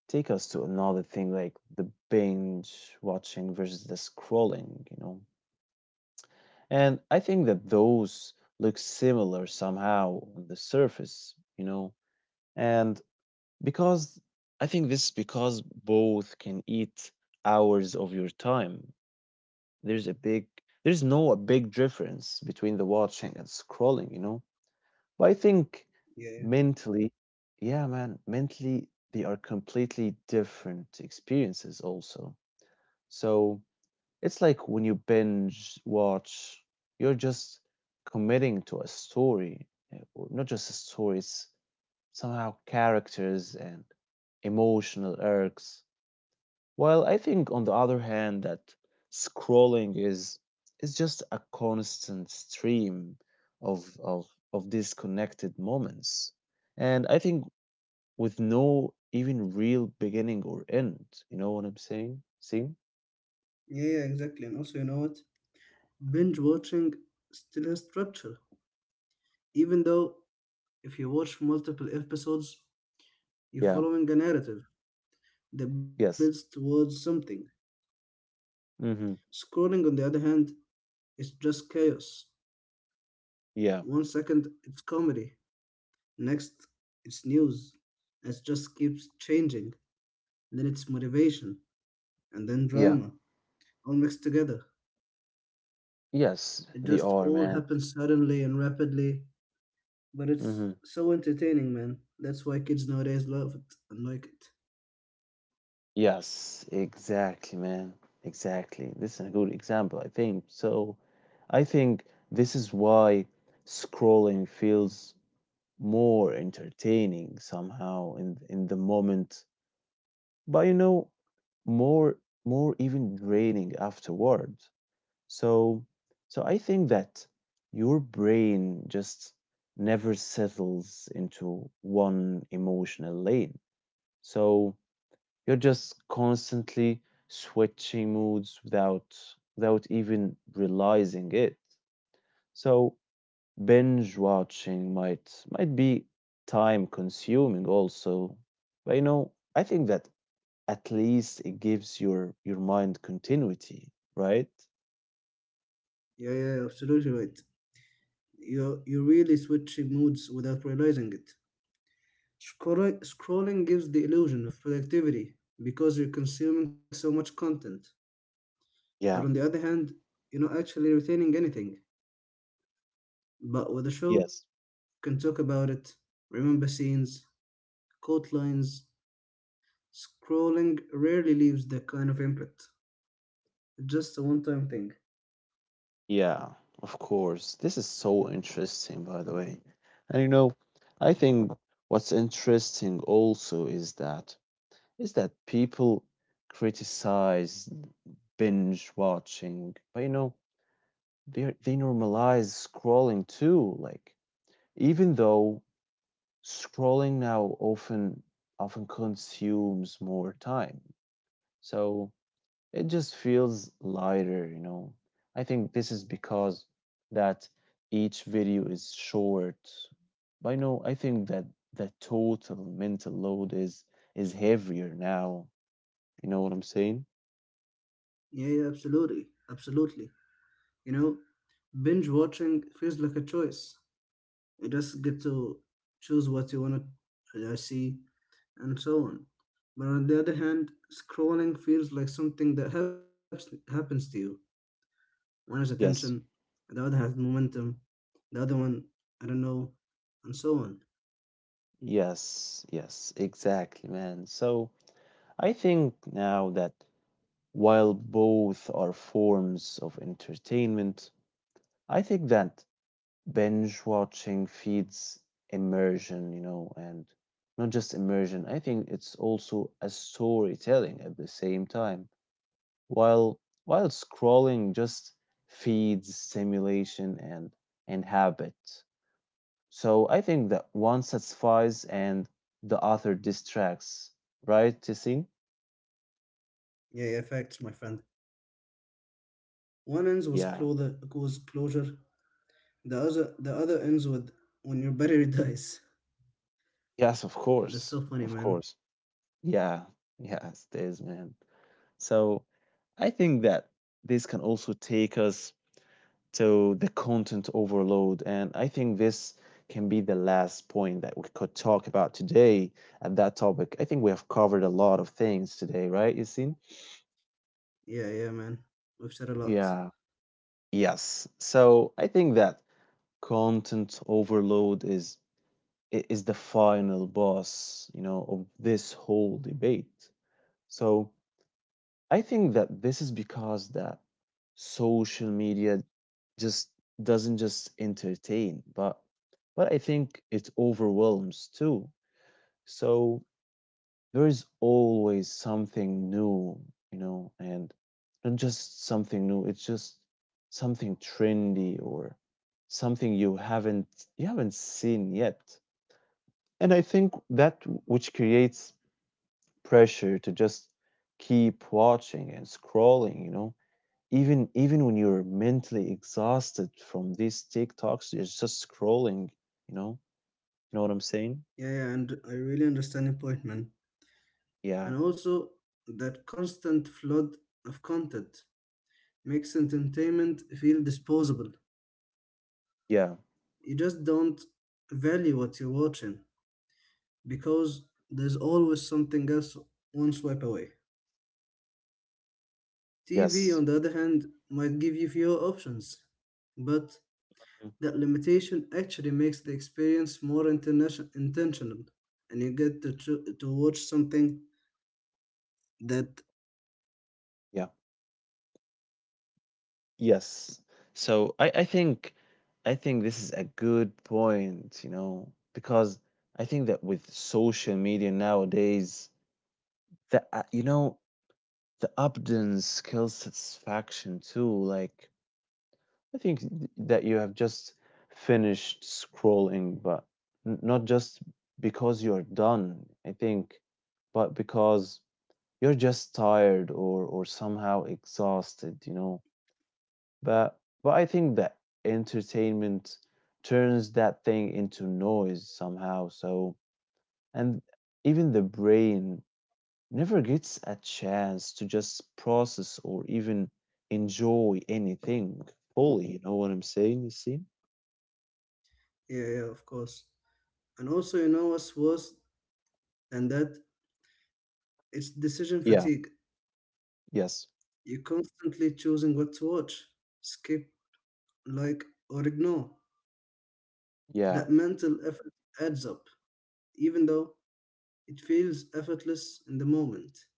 Speaker 1: take us to another thing, like the binge watching versus the scrolling, you know. And I think that those look similar somehow on the surface, you know. And because I think this is because both can eat hours of your time. There's a big, there's no a big difference between the watching and scrolling, you know. But I think
Speaker 2: Yeah, yeah,
Speaker 1: mentally, yeah, man, mentally they are completely different experiences also. So it's like when you binge watch, you're just committing to a story, eh, or not just a story, it's somehow characters and emotional arcs. While I think on the other hand that scrolling is just a constant stream of of of disconnected moments. And I think with no even real beginning or end. You know what I'm saying? See?
Speaker 2: yeah, yeah, exactly. And also, you know what? Binge watching still has structure. Even though if you watch multiple episodes, you're
Speaker 1: Yeah.
Speaker 2: following a narrative that builds
Speaker 1: Yes.
Speaker 2: towards something.
Speaker 1: Mm-hmm.
Speaker 2: Scrolling, on the other hand, is just chaos.
Speaker 1: Yeah.
Speaker 2: One second it's comedy, next it's news, and it just keeps changing. Then it's motivation, and then
Speaker 1: Yeah.
Speaker 2: drama, all mixed together.
Speaker 1: Yes,
Speaker 2: It
Speaker 1: they
Speaker 2: just
Speaker 1: are,
Speaker 2: all
Speaker 1: man.
Speaker 2: happens suddenly and rapidly. But it's
Speaker 1: Mm-hmm.
Speaker 2: so entertaining, man. That's why kids nowadays love it and like it.
Speaker 1: Yes, exactly, man. Exactly. This is a good example, I think. So I think this is why scrolling feels more entertaining somehow in the moment, but you know, more more even draining afterward. So so I think that your brain just never settles into one emotional lane. So you're just constantly switching moods without even realizing it. So binge watching might be time consuming also. But you know, I think that at least it gives your mind continuity, right?
Speaker 2: Yeah, yeah, yeah, absolutely right. You're really switching moods without realizing it. Scrolling gives the illusion of productivity because you're consuming so much content. But on the
Speaker 1: Yeah.
Speaker 2: other hand, you're not actually retaining anything. But with a show, you
Speaker 1: Yes.
Speaker 2: can talk about it, remember scenes, quote lines. Scrolling rarely leaves that kind of impact. It's just a one time thing.
Speaker 1: Yeah, of course. This is so interesting, by the way. And you know, I think what's interesting also is that people criticize binge watching, but you know, they normalize scrolling too. Like even though scrolling now often consumes more time, so it just feels lighter. You know, I think this is because that each video is short. But you know, I think that the total mental load is heavier now. You know what I'm saying?
Speaker 2: Yeah, yeah, absolutely. Absolutely. You know, binge watching feels like a choice. You just get to choose what you want to see and so on. But on the other hand, scrolling feels like something that happens to you. One has attention,
Speaker 1: Yes,
Speaker 2: the other has momentum, the other one, I don't know, and so on.
Speaker 1: yes, yes, exactly, man. So I think now that while both are forms of entertainment, I think that binge watching feeds immersion, you know, and not just immersion, I think it's also a storytelling at the same time. While scrolling just feeds stimulation and habit. So I think that one satisfies and the other distracts, right, Tisin?
Speaker 2: Yeah, yeah, facts, my friend. One ends with
Speaker 1: Yeah.
Speaker 2: closure, was closure. The other ends with when your battery dies.
Speaker 1: Yes, of
Speaker 2: That's so
Speaker 1: course.
Speaker 2: funny,
Speaker 1: Of
Speaker 2: man.
Speaker 1: course. Yeah. Yes, it is, man. So I think that this can also take us to the content overload. And I think this can be the last point that we could talk about today at that topic. I think we have covered a lot of things today, right, Yasin?
Speaker 2: Yeah, yeah, man. We've said a lot.
Speaker 1: Yeah. Yes. So I think that content overload is the final boss, you know, of this whole debate. So I think that this is because that social media just doesn't just entertain, but I think it overwhelms too. So there is always something new, you know, and not just something new, it's just something trendy or something you haven't seen yet. And I think that which creates pressure to just keep watching and scrolling, you know, even when you're mentally exhausted from these TikToks, you're just scrolling, you know. You know what I'm saying?
Speaker 2: Yeah, yeah, and I really understand your point, man.
Speaker 1: Yeah.
Speaker 2: And also, that constant flood of content makes entertainment feel disposable.
Speaker 1: Yeah.
Speaker 2: You just don't value what you're watching because there's always something else one swipe away. TV,
Speaker 1: Yes.
Speaker 2: on the other hand, might give you fewer options, but
Speaker 1: Mm.
Speaker 2: that limitation actually makes the experience more intentional, and you get to, to watch something that.
Speaker 1: Yeah. Yes. So I think I think this is a good point, you know, because I think that with social media nowadays, the you know, the abundance skill satisfaction too. Like I think that you have just finished scrolling, but not just because you're done. I think, but because you're just tired or somehow exhausted. You know, but I think that entertainment turns that thing into noise somehow. So, and even the brain never gets a chance to just process or even enjoy anything fully. You know what I'm saying? You see?
Speaker 2: Yeah, yeah, of course. And also, you know what's worse than that? It's decision
Speaker 1: Yeah.
Speaker 2: fatigue.
Speaker 1: Yes.
Speaker 2: You're constantly choosing what to watch, skip, like, or ignore.
Speaker 1: Yeah.
Speaker 2: That mental effort adds up, even though it feels effortless in the moment.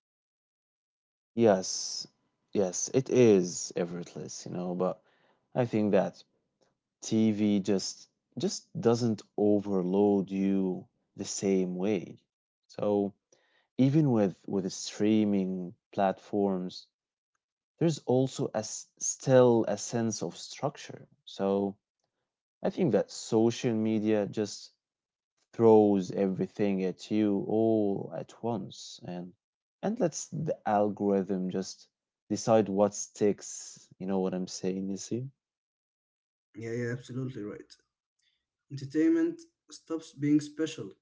Speaker 1: Yes. Yes, it is effortless. You know. But I think that TV just doesn't overload you the same way. So even with streaming platforms, there's also a still a sense of structure. So I think that social media just throws everything at you all at once, and lets the algorithm just decide what sticks. You know what I'm saying, Nisim?
Speaker 2: Yeah, yeah, absolutely right. Entertainment stops being special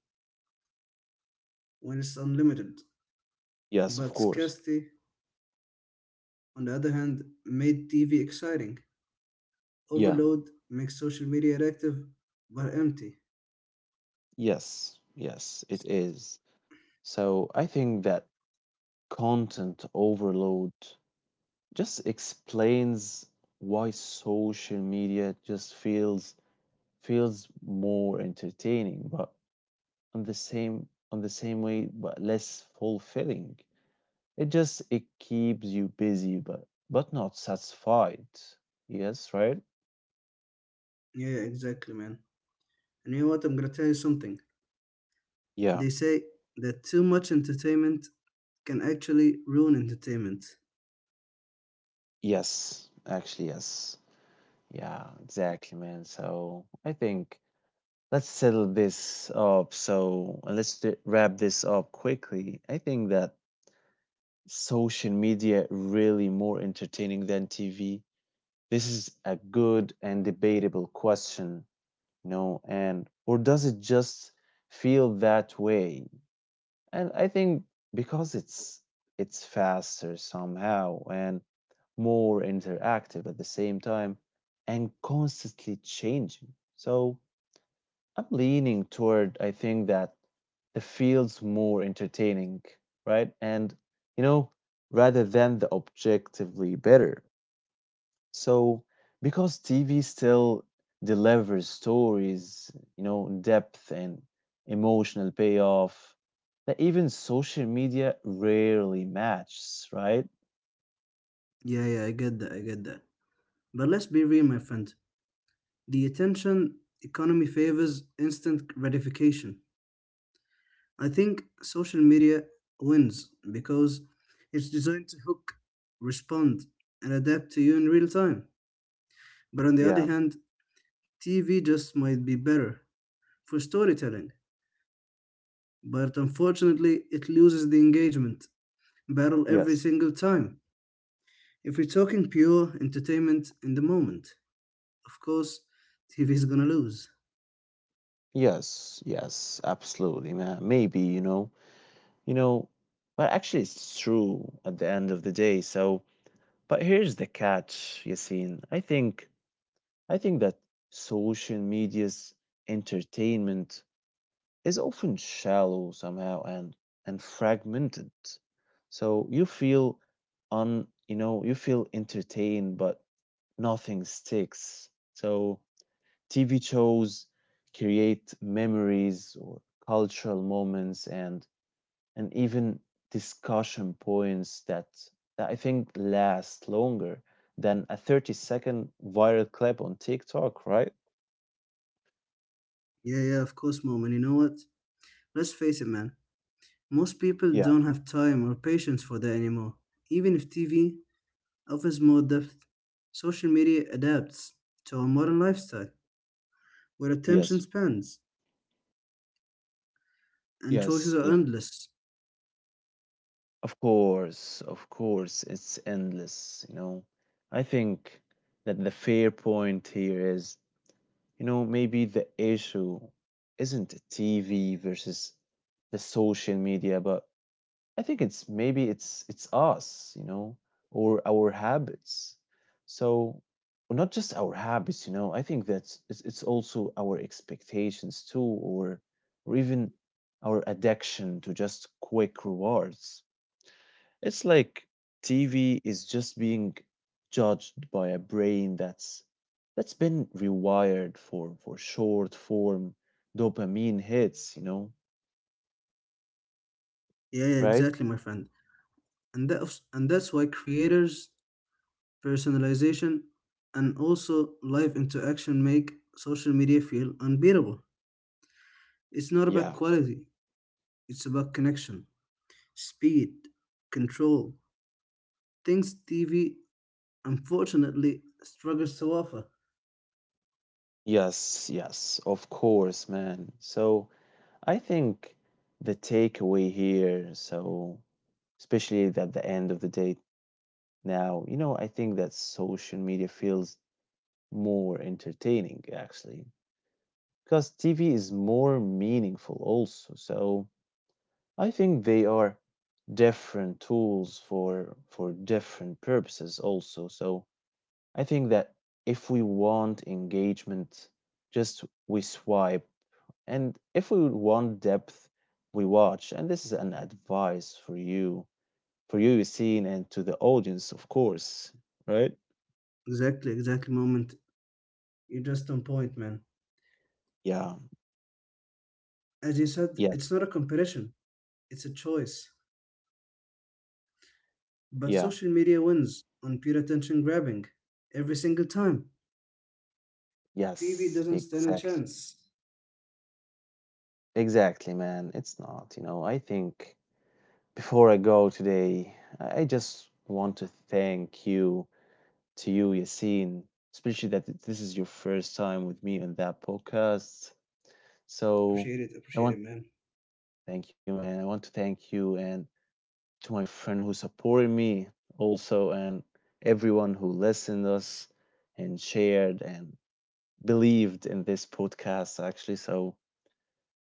Speaker 2: when it's unlimited,
Speaker 1: Yes, of
Speaker 2: but
Speaker 1: course.
Speaker 2: scarcity, on the other hand, made TV exciting.
Speaker 1: Yeah.
Speaker 2: Overload makes social media active but empty.
Speaker 1: Yes. Yes, it is. So I think that content overload just explains why social media just feels more entertaining but on the same, on the same way, but less fulfilling. It just, it keeps you busy, but not satisfied. Yes, right.
Speaker 2: Yeah, yeah, exactly, man. And you know what? I'm gonna tell you something.
Speaker 1: Yeah.
Speaker 2: They say that too much entertainment can actually ruin entertainment.
Speaker 1: Yes, actually, yes. Yeah, exactly, man. So I think, let's settle this up. So and let's wrap this up quickly. I think that, social media really more entertaining than TV? This is a good and debatable question, you know, and or does it just feel that way? And I think because it's faster somehow and more interactive at the same time and constantly changing. So I'm leaning toward, I think that the field's more entertaining, right? And you know, rather than the objectively better. So because TV still delivers stories, you know, depth and emotional payoff that even social media rarely matches, right?
Speaker 2: Yeah, yeah, I get that. But let's be real, my friend. The attention economy favors instant gratification. I think social media wins because it's designed to hook, respond, and adapt to you in real time. But on the other
Speaker 1: Yeah,
Speaker 2: hand, TV just might be better for storytelling. But unfortunately, it loses the engagement battle every
Speaker 1: yes.
Speaker 2: single time. If we're talking pure entertainment in the moment, of course, TV is gonna lose.
Speaker 1: Yes, yes, absolutely, man. Maybe, you know. You know, but actually, it's true at the end of the day. So, but here's the catch, Yassine. I think that social media's entertainment is often shallow somehow and fragmented. So you feel you know, you feel entertained, but nothing sticks. So TV shows create memories or cultural moments and even discussion points that I think last longer than a 30-second viral clip on TikTok, right?
Speaker 2: Yeah, yeah, of course, mom. And you know what? Let's face it, man. Most people
Speaker 1: Yeah.
Speaker 2: don't have time or patience for that anymore. Even if TV offers more depth, social media adapts to our modern lifestyle, where attention
Speaker 1: Yes.
Speaker 2: spans and choices
Speaker 1: Yes.
Speaker 2: are endless.
Speaker 1: Of course. Of course. It's endless, you know. I think that the fair point here is, you know, maybe the issue isn't TV versus the social media, but I think it's maybe it's us, you know, or our habits. So, well, not just our habits, you know. I think that's it's also our expectations too, or even our addiction to just quick rewards. It's like TV is just being judged by a brain that's been rewired for short form dopamine hits, you know,
Speaker 2: Yeah, yeah,
Speaker 1: right?
Speaker 2: exactly, my friend. And that and that's why creators, personalization, and also live interaction make social media feel unbeatable. It's not about
Speaker 1: Yeah.
Speaker 2: quality, it's about connection, speed, control. Things TV unfortunately struggles to offer.
Speaker 1: Yes, yes, of course, man. So I think the takeaway here, so especially at the end of the day now, you know, I think that social media feels more entertaining actually, because TV is more meaningful also. So I think they are different tools for different purposes also. So I think that if we want engagement, just we swipe. And if we want depth, we watch. And this is an advice for you, Yassine, and to the audience, of course, right?
Speaker 2: Exactly, exactly, moment. You're just on point, man.
Speaker 1: Yeah.
Speaker 2: As you said,
Speaker 1: Yes.
Speaker 2: it's not a competition, it's a choice. But
Speaker 1: Yeah.
Speaker 2: social media wins on pure attention grabbing every single time. TV
Speaker 1: Yes.
Speaker 2: doesn't stand a
Speaker 1: Exactly.
Speaker 2: chance.
Speaker 1: Exactly, man. It's not, you know, I think before I go today, I just want to thank you, to you, Yassine, especially that this is your first time with me on that podcast. So I
Speaker 2: Appreciate
Speaker 1: want
Speaker 2: it,
Speaker 1: to
Speaker 2: man.
Speaker 1: thank you, man. I want to thank you and to my friend who supported me also and everyone who listened us and shared and believed in this podcast actually. So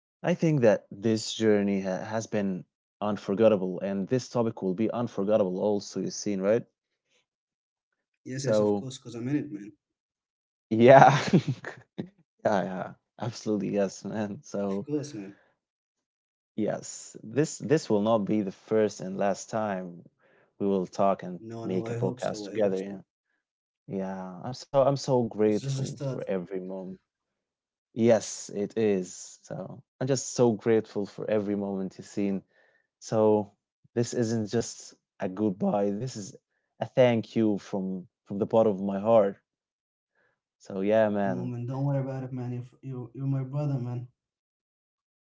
Speaker 1: I think that this journey has been unforgettable and this topic will be unforgettable also, you seen, right?
Speaker 2: Yes, yes, of
Speaker 1: So
Speaker 2: course, because I'm in it, man.
Speaker 1: yeah, yeah yeah, absolutely yes, man.
Speaker 2: Of
Speaker 1: So
Speaker 2: course, man.
Speaker 1: yes, this will not be the first and last time we will talk and
Speaker 2: No, no, I
Speaker 1: make a
Speaker 2: hope so,
Speaker 1: podcast
Speaker 2: I hope
Speaker 1: together.
Speaker 2: so.
Speaker 1: Yeah. Yeah, I'm so
Speaker 2: It's just a
Speaker 1: grateful
Speaker 2: start.
Speaker 1: for every moment. Yes, it is. So I'm just so grateful for every moment you've seen. So this isn't just a goodbye. This is a thank you from the bottom of my heart. So yeah, man.
Speaker 2: Moment, don't worry about it, man. You you're my brother, man.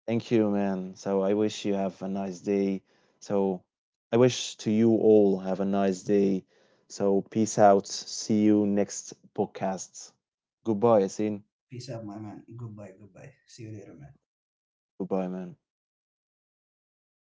Speaker 1: Thank you, man. So I wish you have a nice day. So I wish to you all have a nice day. So peace out. See you next podcast. Goodbye, Yasin.
Speaker 2: Peace out, my man. Goodbye, goodbye. See you later, man.
Speaker 1: Goodbye, man.
Speaker 2: Goodbye.